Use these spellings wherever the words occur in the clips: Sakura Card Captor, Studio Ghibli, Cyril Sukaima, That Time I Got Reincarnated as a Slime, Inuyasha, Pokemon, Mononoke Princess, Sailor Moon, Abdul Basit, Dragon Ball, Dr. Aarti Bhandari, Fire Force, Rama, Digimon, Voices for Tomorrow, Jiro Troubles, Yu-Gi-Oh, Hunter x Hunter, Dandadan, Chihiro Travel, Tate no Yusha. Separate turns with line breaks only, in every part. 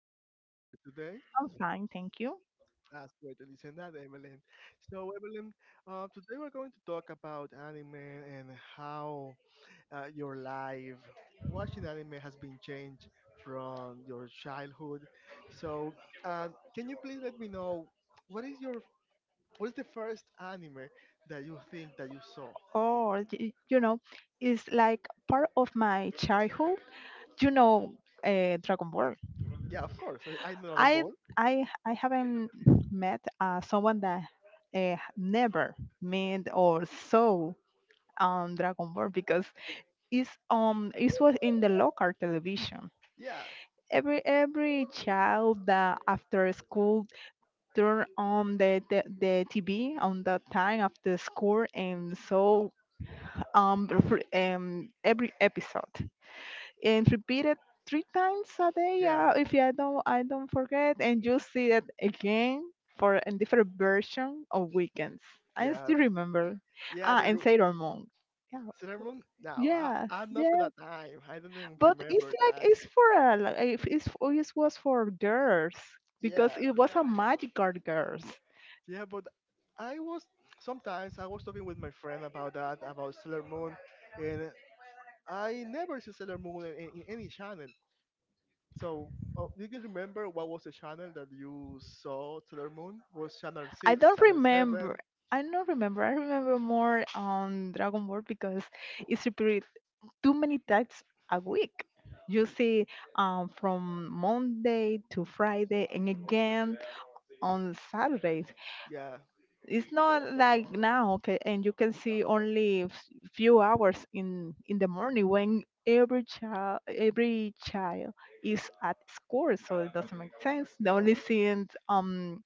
Evelyn. How are you today?
I'm fine, thank you.
That's great to listen that, Evelyn. So, Evelyn, today we're going to talk about anime and how your life watching anime has been changed from your childhood. So, uh, can you please let me know what is your what is the first anime that you think that you saw?
You know, it's like part of my childhood. You know, Dragon Ball.
Yeah, of course. I know Dragon
I
Ball.
I haven't met someone that never met or saw Dragon Ball because it was in the local television.
Yeah,
Every child that after school turn on the TV on that time after school and saw um, re- every episode and repeat it three times a day.
yeah,
If I don't forget, and you see it again for a different version of weekends. I
yeah,
still remember.
yeah.
Ah, and
The
Sailor Moon. Yeah.
cinnamon roll? No,
Yes.
I'm not for
Yeah.
that time. I don't even
But it's
remember
like
that.
it's for a like, if it's for- it was for girls because
Yeah,
it was a magical girls.
yeah, but I was sometimes I was talking with my friend about Sailor Moon, and I never see Sailor Moon in, in any channel. So, do you remember what was the channel that you saw Sailor Moon? Was channel
I
six,
don't
channel
remember.
seven?
I don't remember. I remember more on Dragon Ball because it's repeated too many times a week. You see, from Monday to Friday and again on Saturdays.
Yeah,
It's not like now, okay, and you can see only few hours in the morning when every child is at school, so it doesn't make sense. The only seeing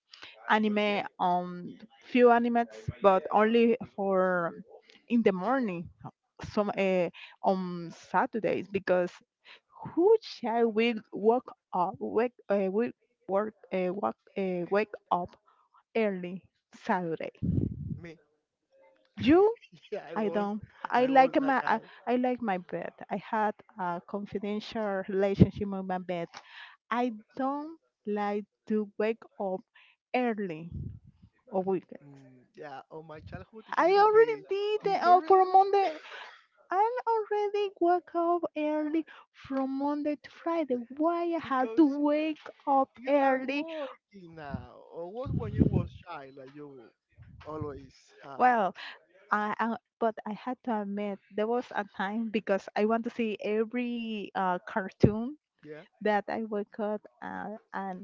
anime on few animates, but only for in the morning, some on Saturdays because who shall we wake up wake we work walk, wake up early Saturday.
me.
You,
Yeah,
I don't. I
I was
like
that
my
guy.
I, I like my bed. I had a confidential relationship with my bed. I don't like to wake up early or weekends.
Mm, yeah. Oh, my childhood is a
I
little
already
bit
did it for
different
Monday. I already woke up early from Monday to Friday. Why I had to
because
wake up
you are
early?
working now, or was when you was child that you always, uh,
Well, I but I had to admit there was a time because I want to see every cartoon
yeah,
that I woke up at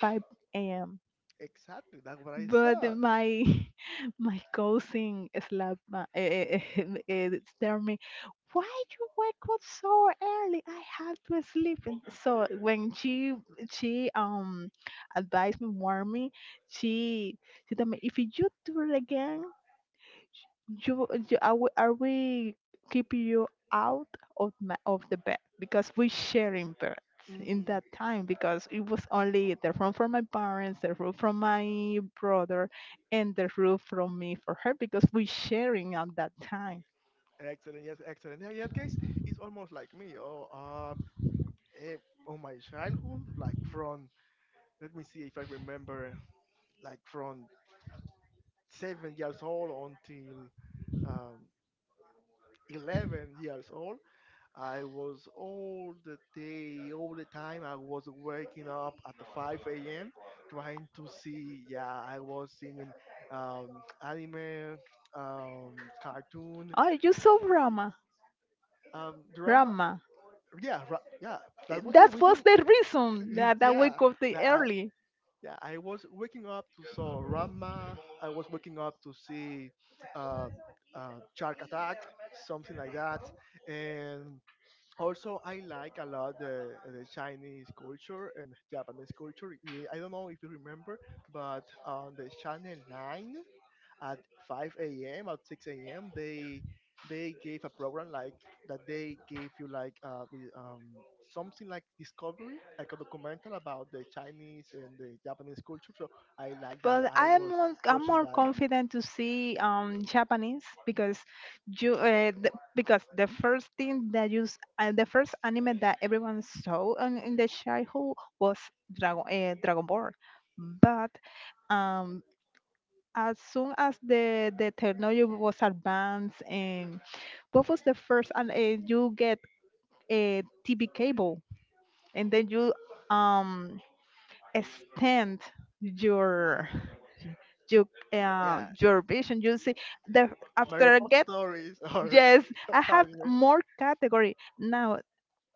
5 a.m.
exactly. That's what I
but
said.
my my cousin slapped my stared me, why you wake up so early, I have to sleep. And so when she advised me, warned me, she she told me, if you do it again, you are we keeping you out of of the bed because we sharing beds in
Mm,
that time because it was only the room for my parents, the room from my brother, and the room from me for her because we sharing at that time.
excellent, yes, excellent. Yeah, in that case, it's almost like me. Oh, eh, on my childhood, like from, let me see if I remember, like from 7 years old until um, 11 years old, I was all the day, all the time. I was waking up at the 5 a.m. trying to see. Yeah, I was seeing anime, um, cartoon,
Oh, you saw Rama,
drama.
Rama.
Yeah. That was the
That was
reason.
the reason that I
Yeah,
wake up the
that I.
early.
Yeah, I was waking up to saw Rama. I was waking up to see um, Shark Attack, something like that, and also I like a lot the Chinese culture and Japanese culture. Yeah, I don't know if you remember, but on the channel 9 at 5 a.m. at 6 a.m. they gave a program like that, they gave you like something like Discovery, like a documental about the Chinese and the Japanese culture. So I like that,
But
I was
I'm
watching
more
that.
confident to see Japanese because you uh, th- because the first thing that the first anime that everyone saw in the childhood was Dragon Ball, but um, as soon as the technology was advanced, and what was the first and you get a TV cable, and then you um extend your your
Yeah,
your vision. You see the
my
after I get.
repositories or
Yes, I have
anime.
more category now.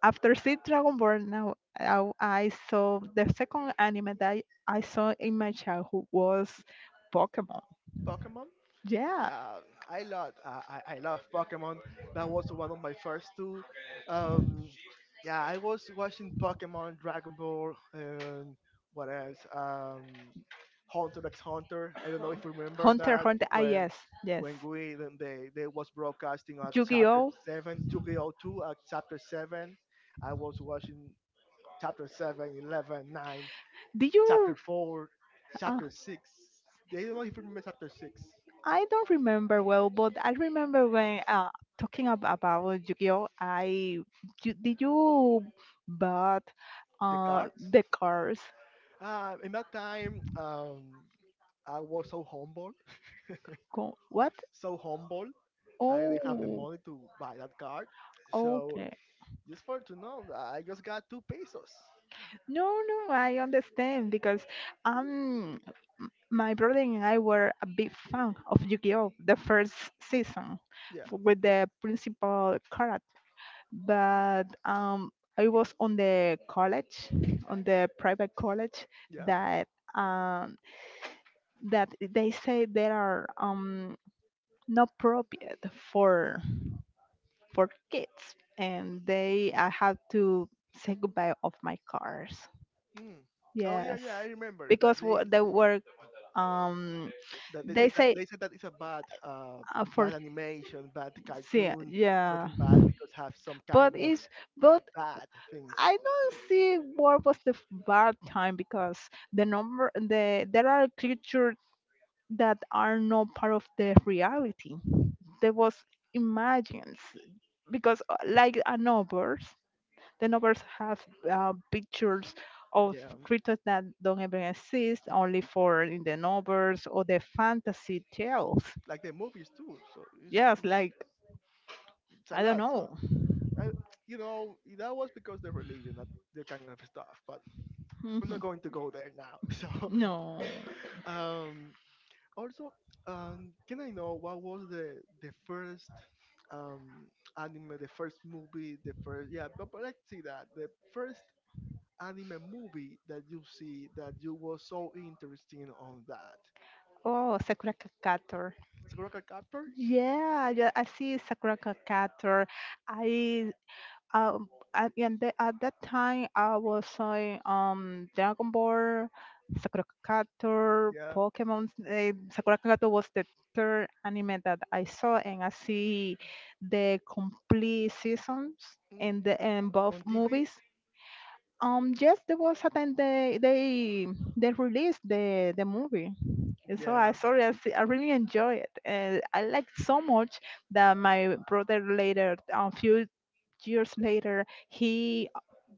After see Dragon Ball, I saw the second anime that I saw in my childhood was Pokemon.
Pokemon.
Yeah,
Yeah, I love Pokemon. That was one of my first two. Um, yeah, I was watching Pokemon, Dragon Ball, and what else? Hunter x Hunter. I don't know if you remember
Hunter x
that
Hunter. Ah, yes, yes.
when we when they was broadcasting at chapter
Yu-Gi-Oh.
seven, Yu-Gi-Oh two at chapter seven. I was watching chapter 7, 11, 9,
Did
chapter
you?
four,
Uh,
chapter six. They don't know if you remember chapter six.
I don't remember well, but I remember when about Yu-Gi-Oh. I You, did you bought
The cards.
the cards?
In that time, I was so humble,
Co- What?
so humble. I didn't have the
Oh,
money to buy that card. So
okay.
just for to know, I just got two pesos.
No, no, I understand because um my brother and I were a big fan of Yu-Gi-Oh! The first season
Yeah,
with the principal character. But I was on the college, on the private college
yeah.
that um that they say there are not appropriate for for kids, and they I had to say goodbye of my cars.
Mm. Oh yeah,
Yes,
yeah. I remember
because
that they
they were um
that they
they
said that
say
they said that it's a bad
for
bad animation, bad
see,
cartoon,
yeah,
something bad because have some
but
kind of
it's, but
bad things.
I don't see what was the bad time because the number the there are creatures that are not part of the reality, there was imagines because like a novel. The novels have pictures of
Yeah,
creatures that don't even exist, only for in the novels or the fantasy tales.
like the movies too. So
Yes, like
it's a
I don't
lot. So
know.
I, you know, that was because the religion, that the kind of stuff. But we're
Mhm.
not going to go there now. So,
No.
um, also, can I know what was the first um anime, the first movie, the first, yeah, but let's see that the first anime movie that you see that you were so interesting on that.
Oh, Sakura Card.
Sakura Card Captor,
Yeah, yeah, I see Sakura Card. I at, and the, end- at that time I was saying Dragon Ball, Sakura Card Captor,
yeah,
Pokemon. Sakura Card Captor was the third anime that I saw, and I see the complete seasons
mm,
and the and both
on TV,
movies. Yes, there was a time they released the movie. And so
yeah,
I sorry, I really enjoy it, and I like so much that my brother later, a few years later, he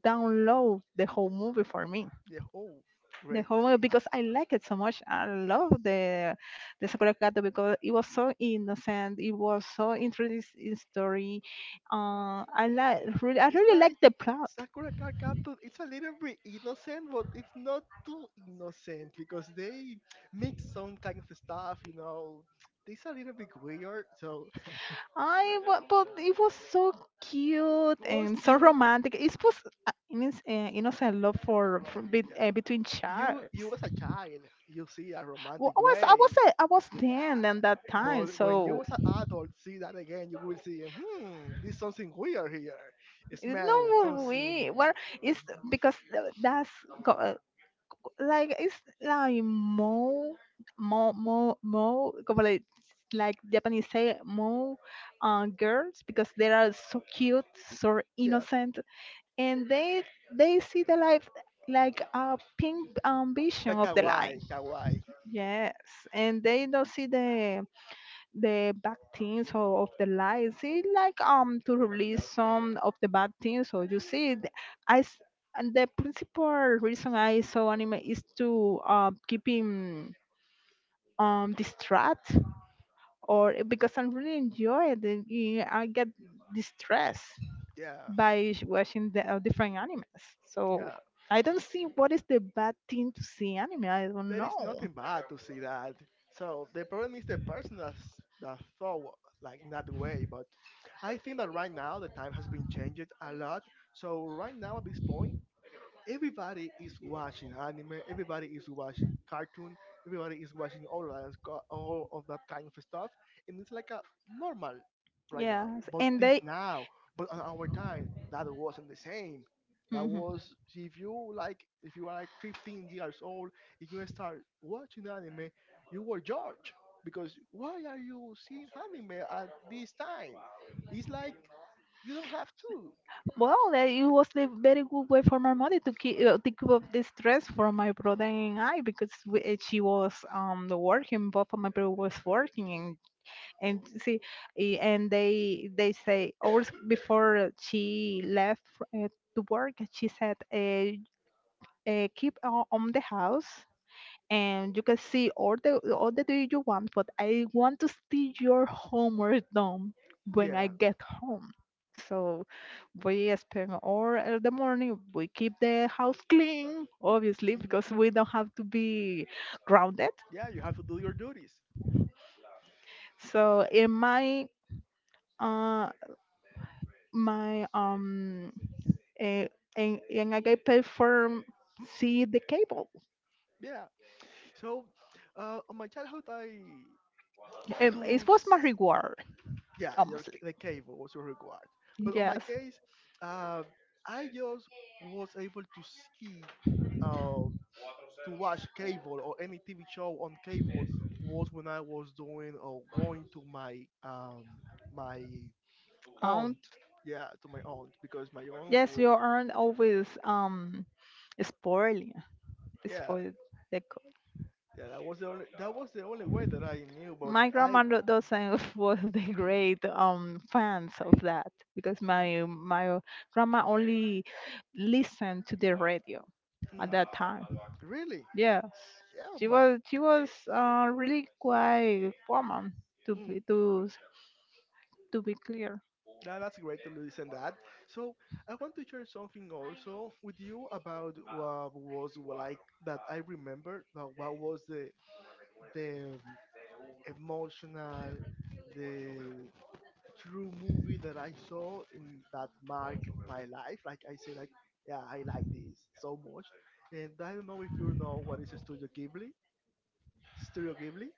download the whole movie for me,
yeah. Oh,
the
great.
whole movie because I like it so much. I love the Sakura Card because it was so innocent, it was so interesting story. I like really, I
It's
really
like
like the plot.
Sakura Card Captor. It's a little bit innocent, but it's not too innocent because they mix some kind of stuff. You know, it's a little bit weird. So
But it was so cute
it was
and so
cute.
romantic. It was innocent love for be,
Yeah,
between chaps.
you was a child. You see a
Well,
romantic way.
I was
Yeah,
ten at that time,
but when you
so
was an adult, see that again, you will see. Hmm, there's something weird here. It
it's
smells
no way.
something.
Well, it's because that's co- like it's like more more like Japanese say more girls because they are so cute, so
Yeah,
innocent, and they see the life like a pink vision
like
of the life,
kawaii, kawaii.
yes, and they don't see the bad things or of the lies. It's like to release some of the bad things. So you see, I s- and the principal reason I saw anime is to keep him distract or because I really enjoy it. And I get distressed
Yeah,
by watching the different animes. So.
yeah.
I don't see what is the bad thing to see anime. I don't
There is
know.
nothing bad to see that. So the problem is the person that's, that thought like in that way. But I think that right now the time has been changed a lot. So right now at this point, everybody is watching anime, everybody is watching cartoon, everybody is watching all that, co- all of that kind of stuff, and it's like a normal right now.
Yes,
But
and
this
they.
now, but on our time, that wasn't the same. That
Mhm.
was if you like, if you are like 15 years old, if you start watching anime, you were judged because why are you seeing anime at this time? It's like you don't have to.
Well, that it was the very good way for my mother to keep up the stress from my brother and I because we, she was working, both of my brother was working, and see, and they say hours before she left uh, to work, she said, "Keep on the house and you can see all the day you want, but I want to see your homework done when I
Yeah,
get home. So we spend all the morning. We keep the house clean, obviously, because we don't have to be grounded.
yeah, you have to do your duties.
So in uh my eh, and I get paid for see the cable.
Yeah. So, on my childhood, I do.
It was
S-
my reward,
Yeah, your, c-
honestly.
the cable was your reward. But on my
Yes.
case, uh, I just was able to see, uh, to watch cable or any TV show on cable was when I was doing or going to my my aunt. Yeah, to my aunt because my aunt
Yes, you
was.
aren't always spoiling.
Yeah,
Spoiled. The co-
yeah, that was the only way that I knew. But
my
I
grandmother doesn't was the great fans of that because my
mm,
my grandma only listened to the radio at
mm,
that time.
really,
Yes,
yeah,
she
man.
was she was uh, really quite woman to
Mm,
to be clear.
that, that's great to listen that. So I want to share something also with you about what was like that I remember. But what was the the emotional, the true movie that I saw in that mark my life. Like I say, like, yeah, I like this so much. And I don't know if you know what is Studio Ghibli. Studio Ghibli.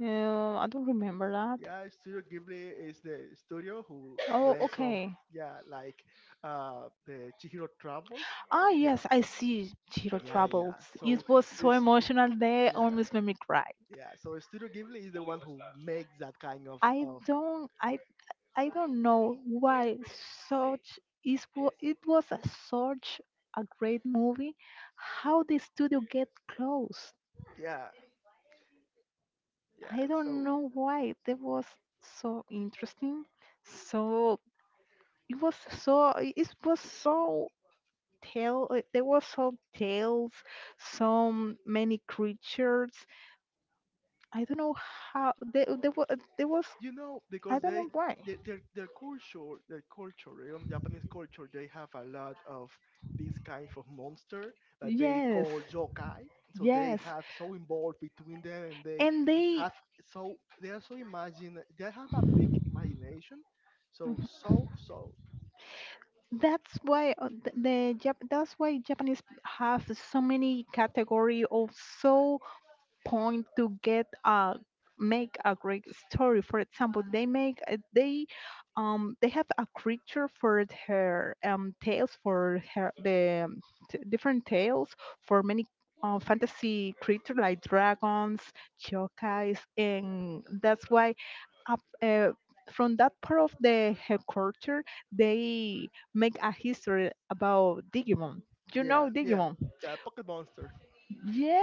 I don't remember that.
Yeah, Studio Ghibli is the studio who
Oh,
makes some,
okay.
yeah, like the Chihiro Travel.
Ah,
Yeah,
yes, I see Jiro
yeah.
Troubles.
So
It was so
this,
emotional, they
yeah,
almost made me cry.
yeah. So Studio Ghibli is the one who makes that kind
I
of,
don't, I, I don't know why such is wa- it was a, such a great movie. How the studio get closed?
yeah, yeah.
I don't
So
know why. That was so interesting. So it was so it was so tale there was some tales, some many creatures. I don't know how there was.
you know,
I
because
don't know why.
they their culture, their culture, you know, Japanese culture, they have a lot of these kinds of monster that they
Yes,
call yokai. So they
yes.
have so involved between them, and they
and they
have so they are so imagine, they have a big imagination. So
That's why that's why Japanese have so many category of so point to get a make a great story. For example, they have a creature for her tales for her the different tales for many fantasy creature like dragons, yokais, and that's why up from that part of the her culture they make a history about digimon. You
yeah,
know digimon,
yeah Pocket Monster.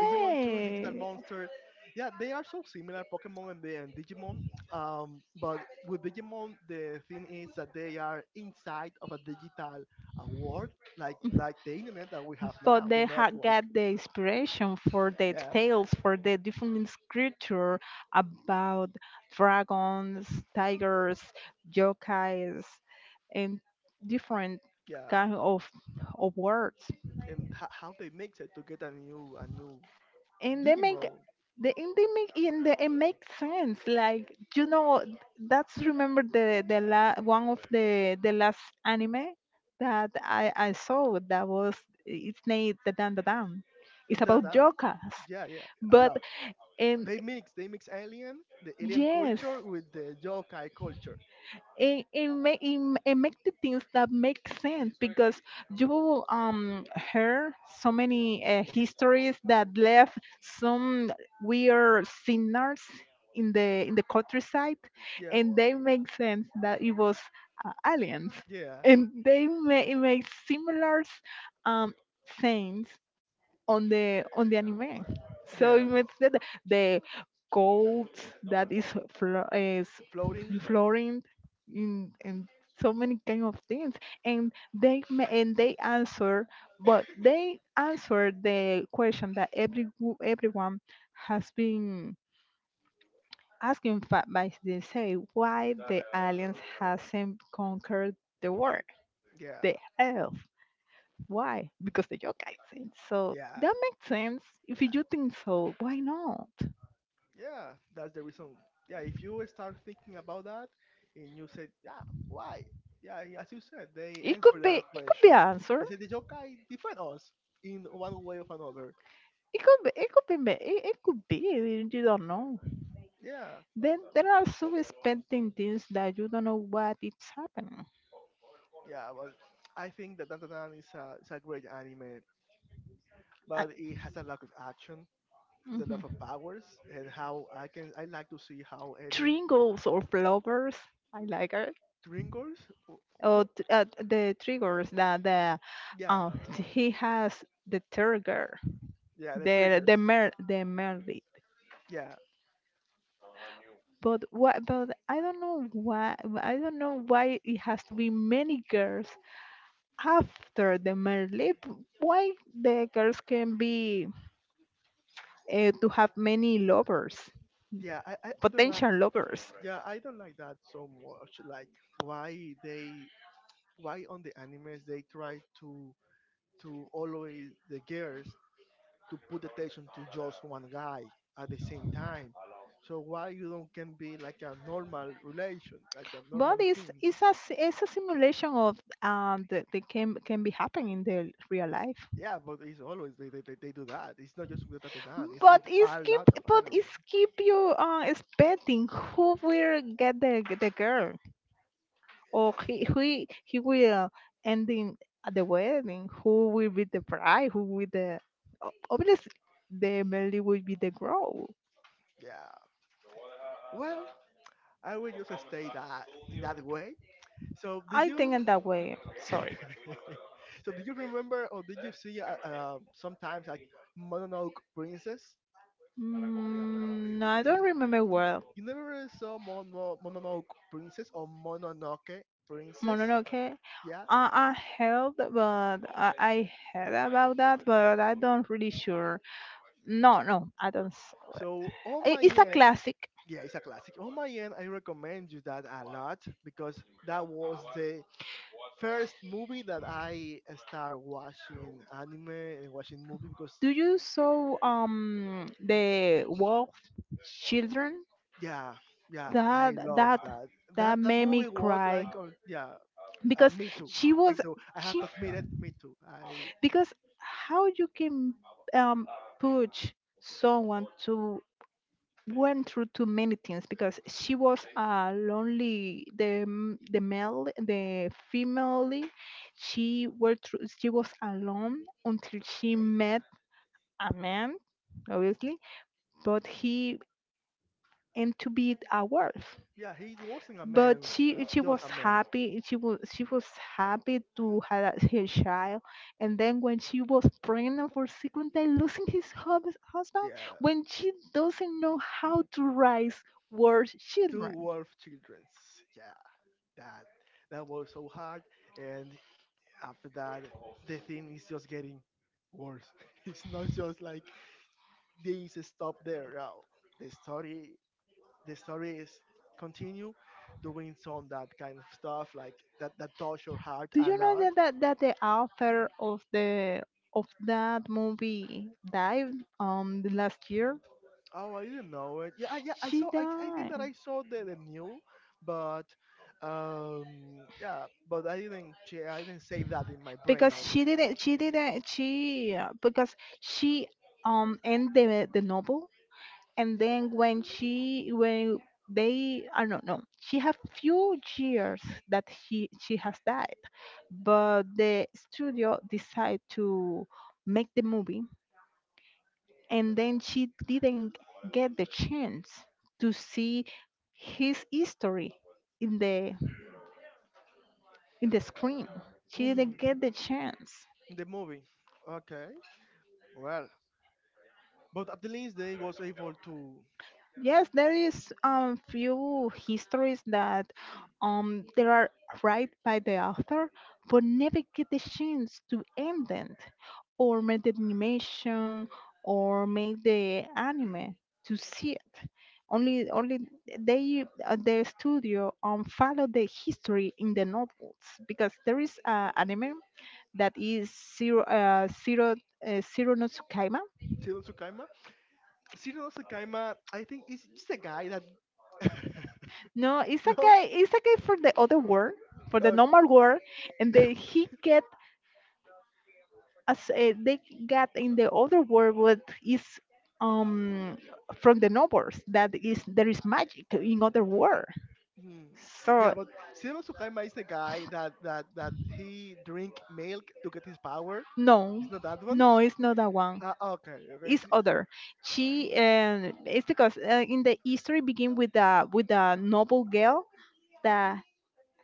Digimon 2, Digital Monster. Yeah, they are so similar, Pokemon and, the, and Digimon. But with Digimon, the thing is that they are inside of a digital world, like the internet that we have
But
now, the
they
network.
got the inspiration for the
Yeah,
tales, for the different scripture about dragons, tigers, yokais, and different
yeah.
kind of words.
And ho- how they mix it to get a new
And they make
Digimon.
the and they make and the, it makes sense, like, you know, that's remember one of the last anime that I saw, that was it's named the dan, it's
Da, da,
about
da.
jokers,
Yeah, yeah, I
but
love.
and,
They mix alien, the alien
yes,
culture with the yokai culture.
and it make it, make the things that make sense because you heard so many histories that left some weird sinners in the countryside,
Yeah,
and they make sense that it was aliens,
yeah,
and they make similar um things on the anime. So it
yeah.
means that the gold that is flo- is
Floating.
flowing in so many kind of things, and and they answer, but they answer the question that every everyone has been asking by, they say, why the aliens hasn't conquered the world,
Yeah,
the earth, why? Because the yokai sing. So
yeah,
that makes sense. If
yeah.
you think so, why not?
Yeah, that's the reason. Yeah, if you start thinking about that and you said, yeah, why? Yeah, and as you said, they
It could
answered
be.
that
It could be
question.
an answer.
They said the yokai defend us in one way or another.
It could be. It could be. It, it could be. You don't know.
Yeah,
Then there are so expecting things that you don't know what it's happening.
yeah, but I think that Dandadan is a great anime,
Uh,
but it has a lot of action, has a
mhm.
lot of powers, and how I can I like to see how any
Tringles or flowers. I like her.
triggers, w-
Or
w-
the triggers that the
yeah,
uh, he has the trigger,
yeah, the
the
triggers,
mer the merit.
yeah,
But what? But I don't know why. I don't know why it has to be many girls after the merit. Why the girls can be to have many lovers,
yeah. I don't.
potential lovers.
Yeah, I don't like that so much. Like why they why on the animes they try to always the girls to put attention to just one guy at the same time. So why you don't can be like a normal relation, like a
But
normal
it's
things.
it's a s- it's a simulation of that can be happening in the real life.
Yeah, but it's always they do that. It's not just with Tatadan, it's
But
with
it's
a
keep,
lot of
but
anime.
it's keep you expecting who will get the girl, or he will ending at the wedding. Who will be the bride? Who will obviously the Melly will be the grow.
Yeah, yeah. Well, I will just stay that in that way. So did
I think
you
in that way. Sorry.
so do you remember or did you see sometimes like Mononoke Princess?
Mm, no, I don't remember
You
well.
never really saw Mono, Mononoke Princess or Mononoke Princess?
Mononoke.
Yeah.
I heard, but I heard about that, but I don't really sure. No, no, I don't.
So on my
It's a
end,
classic.
yeah, it's a classic. On my end, I recommend you that a lot because that was the first movie that I started watching anime and watching movie because
Do you saw the Wolf Children?
yeah, yeah, I
That
love
that
that. That
that
that
made me
movie was
cry
like on, yeah.
because
Me too.
she
Me
was
too. I have
she
to admit it. Me too. I
because how you can um push someone to went through too many things because she was a lonely the m- the male the female she were through she was alone until she met a man obviously but he and to be a wolf
yeah, he wasn't a
but
man,
she
just
was
a man.
happy to have her child and then when she was pregnant for second time losing his husband
Yeah,
when she doesn't know how to raise worse
two
children.
wolf childrens. Yeah, that that was so hard. And after that, the thing is just getting worse. It's not just like this stop there. No, the story is continue doing some that kind of stuff like that that touch your heart
Do
a
you know
lot.
that the author of the of that movie died the last year?
Oh, I didn't know it. Yeah, I
She
saw. I think
died
that I saw the new, but yeah, but I didn't. Che- I didn't save that in my brain.
because
Like,
she didn't she didn't she because she ended the novel and then when they I don't know she have few years that he she has died, but the studio decide to make the movie and then she didn't get the chance to see his history in the screen. She didn't
hmm,
get the chance.
the movie. Okay, well, but at the least they was able to.
Yes, there is few histories that they are right by the author, but never get the chance to end it, or make the animation, or make the anime to see it. Only they the studio follow the history in the novels because there is anime that is zero no.
Cyril Sukaima. Cyril Sukaima. I think is just a guy that.
No, it's like a
No.
guy. It's like a guy for the other world, for the
Uh,
normal world, and then he get as they get in the other world what is um from the novels that is there is magic in other world.
hmm.
So
Yeah, but Cyril Sukaima is the guy that he drink milk to get his power.
no,
It's not that one.
no, it's not that one.
Ah, okay, okay.
It's other. She it's because in the history begin with the noble girl that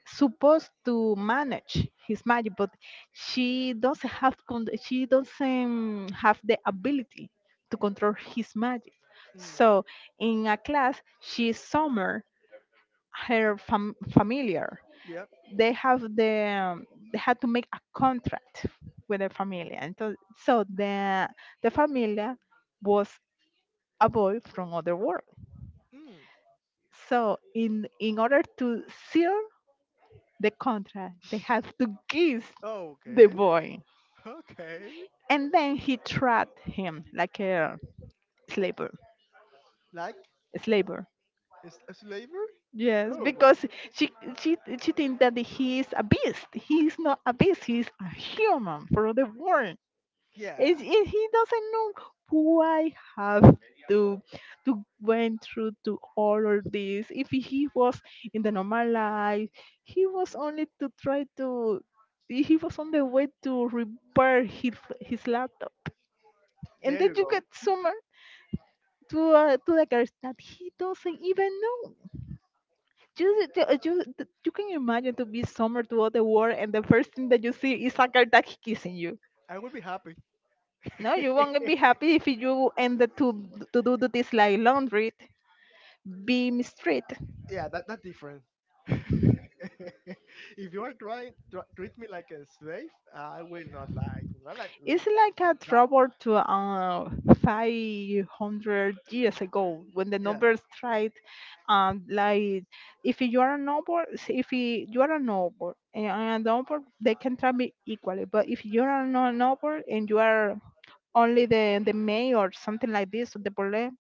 supposed to manage his magic, but she doesn't have the ability to control his magic.
Mm.
So in a class, she summoned her familiar.
Yep.
They have the they had to make a contract with the familia, and so, so the familia was a boy from other world.
Mm.
So in order to seal the contract, they have to kiss
Oh,
the
okay.
boy
Okay.
and then he trapped him like a slaver,
Like,
slaver,
it's a slaver?
yes,
Oh, but
because she she think that he is a beast, he is not a beast, he is a human for the world
yeah.
and he doesn't know why have to to went through to all of this if he was in the normal life, he was only to try to, he was on the way to repair his laptop and
There
then
you
you
go.
get so much to the girls that he doesn't even know. Just you can imagine to be summer to all the world, and the first thing that you see is a girl that he kissing you.
I would be happy.
No, you won't be happy if you ended to do this like laundry, be mistreated.
Yeah, that that different. If you are trying treat me like a slave, I will not like not like,
It's like a
no.
trouble to 500 years ago when the
Yeah,
numbers tried, like if you are a noble, if you are a noble and I am a noble, they can treat me equally. But if you are not a noble and you are only the mayor or something like this, the bullet,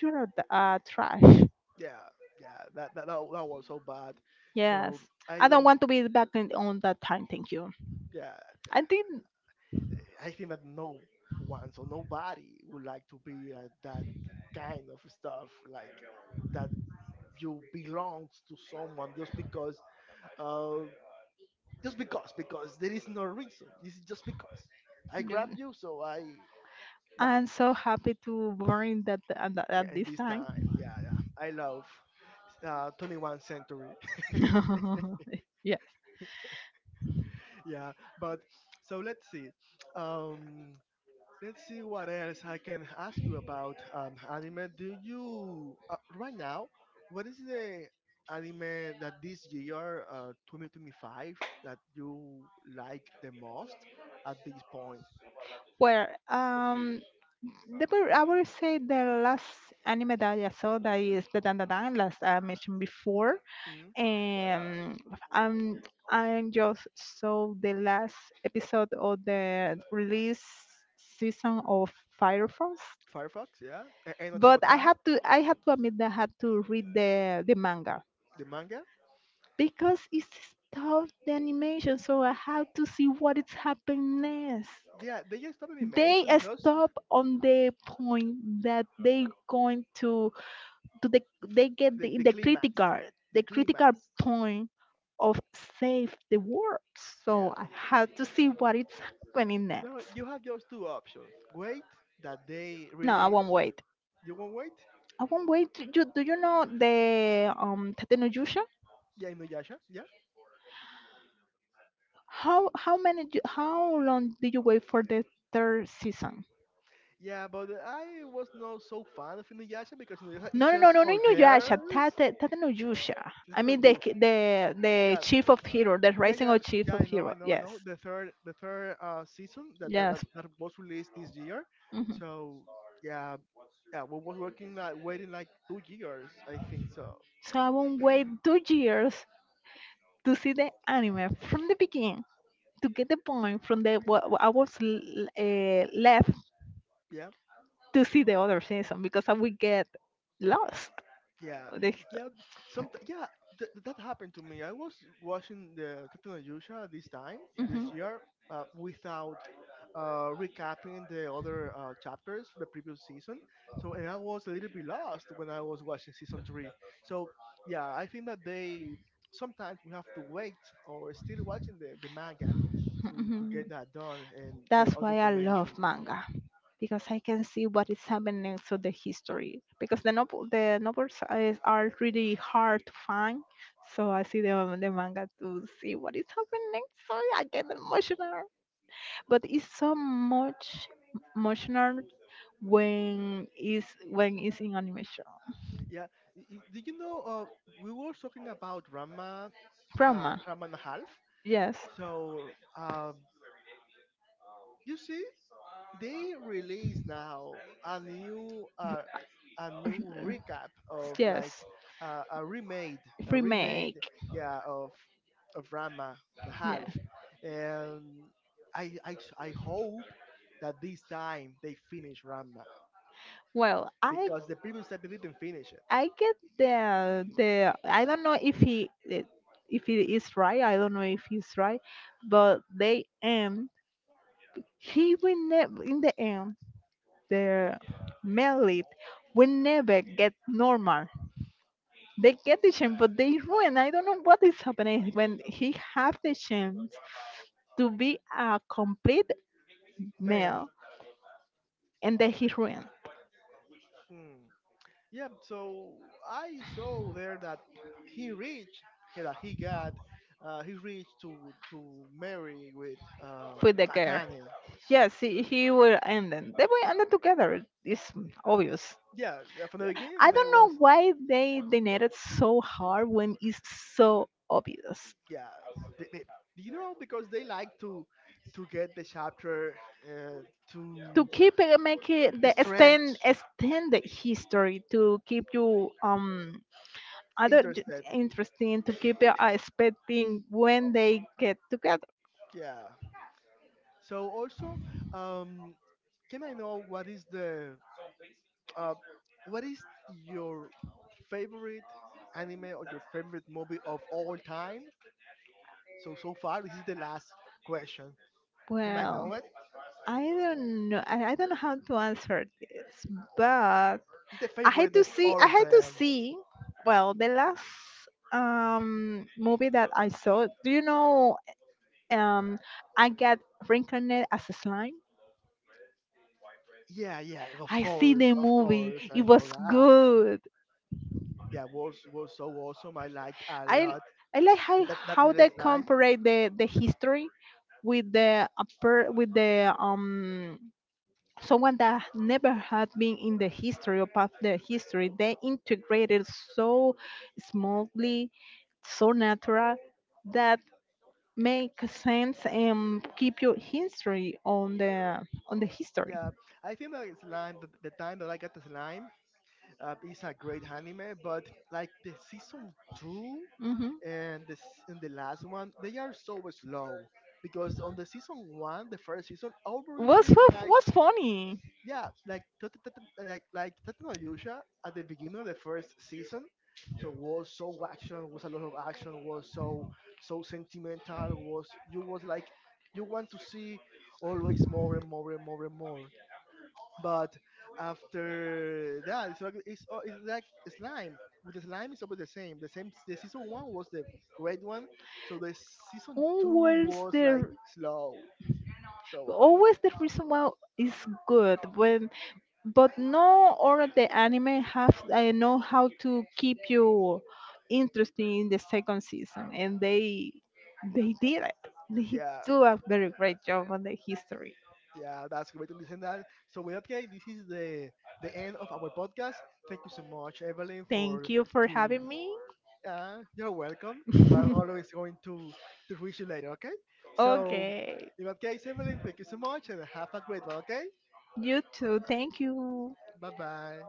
you're a trash.
yeah, yeah. That was so bad.
Yes,
So I
I don't
don't.
want to be back in, on that time. Thank you.
Yeah,
I
I think that no one, so nobody would like to be that kind of stuff. Like that you belong to someone uh, just because there is no reason, this is just because I grab
think.
you so I now.
I'm so happy to born that at,
Yeah,
at
and
this
this
time.
time, yeah, yeah, I love 21st century.
Yes.
Yeah, but so let's see, um let's see what else I can ask you about anime. Do you right now? What is the anime that this year, 2025, that you like the most at this point?
Well, the, I would say the last anime that I saw that is the Dandadan, last I mentioned before,
Mm.
and um, I just saw the last episode of the release season of Fire Force.
Firefox, yeah, A- and
But
October Time,
I had to admit that I had to read the manga
the manga.
because it's stopped the animation, so I have to see what is happening next.
Yeah, they just stop
They
animation, just
stop on the point that they going to to the they get
the,
the, in
the climax, the
the
climax.
critical point of save the world.
Yeah,
So I have to see what is happening
no,
next.
you have just two options. Wait that they
No, I
release.
won't wait.
You won't wait.
I won't wait. Do you know the Tate no Yusha?
Yeah, Inuyasha. Yeah.
How how long did you wait for the third season?
Yeah, but I was not so fan of Inuyasha because Inuyasha is
No, no, no,
just
no, no,
for
in Nuyasha.
girls.
Tate Nuyusha. I
It's not
mean
usual.
the
Yeah,
chief of hero, the
yeah,
rising
yeah,
of chief
yeah.
of
I know, I
hero.
know, I
Yes,
know. The third season that that, that
yes.
that was released this year.
Mhm.
So yeah, yeah, we was working like waiting like 2 years, I think. So
So I won't wait 2 years to see the anime from the beginning to get the point from the what I was left
yeah.
to see the other season because I will get lost.
Yeah,
With the
yeah, some, yeah, that happened to me. I was watching the Tatuna Yusha this time
hmm,
this
hmm.
year without recapping the other chapters for the previous season. So and I was a little bit lost when I was watching season 3. So yeah, I think that they sometimes we have to wait or still watching the manga to get that done and get
That's
all the
why I love
information.
manga because I can see what is happening to the history. Because the novel, the novels is, are really hard to find, so I see the manga to see what is happening. So I get emotional, but it's so much emotional when is when it's in animation
Yeah. Did you know we were talking about Rama,
drama.
Rama and a half?
Yes.
So, um, you see, they release now a new, a new recap of like,
Yes,
uh, a remade, a remade,
remake,
yeah, of Rama the
yeah.
half, and I hope that this time they finish Rama
Well, i
because the previous time they didn't finish it.
i get the, I don't know if if it is right, I don't know if he's right, but they end he will never in the end the male lead will never get normal. They get the chance but they ruin, I don't know what is happening when he have the chance to be a complete male
Man,
and the heroine.
hmm. Yeah, so I saw there that he reached that he got he reached to marry with
With the girl.
Akane.
Yes, he will end them. They will end it together. It's obvious.
Yeah, yeah, from the beginning
I
there
don't
was
know why they denied it so hard when it's so obvious.
yeah. They, they, you know because they like to get the chapter, uh,
To
to
keep make it the
stretch
extended history to keep you other j-
interested.
interesting to keep expecting when they get together?
Yeah. So also, um, can I know what is the Uh, what is your favorite anime or your favorite movie of all time? So so far, this is the last question. You might
Well,
know it.
I don't know. I don't know how to answer this, but
It's the
I had
favorite
to
of
see.
all
I
of
had to
them.
see. Well, the last movie that I saw. Do you know? Um, I got reincarnated as a slime.
Yeah, yeah,
I see the
of
movie.
course,
It
I know
was
that.
good.
Yeah, was so awesome. I like a
I
lot
I like how
that that
how
is little
they
slime.
compare the history with the upper, with the someone that never had been in the history or past the history. They integrated so smoothly, so natural that make sense and keep your history on the history.
Yeah, I think that slime. The time that I got the slime, is a great anime, but like the season two
Hmm.
and and the last one they are so slow because on the season one the first season
Was
obviously like,
was funny.
yeah, like like Tata no Yusha at the beginning of the first season, so was so action, was a lot of action, was so so sentimental, was, you was like you want to see always more and more and more and more, but after that, it's like slime. With the slime, it's always the same. The same. The season one was the great one, so the season two
Always
was like
there,
slow. So
always the reason why is good when but no or the anime have I know how to keep you interested in the second season and they did it they
yeah,
do a very great job on the history.
yeah, that's great to listen that. So with that, guys, this is the end of our podcast. Thank you so much, Evelyn, for
Thank you for
to.
having me.
You're welcome. We're always going to reach you later. Okay. So
Okay.
in that case, Evelyn, thank you so much, and have a great one. Okay.
You too. Thank you.
Bye bye.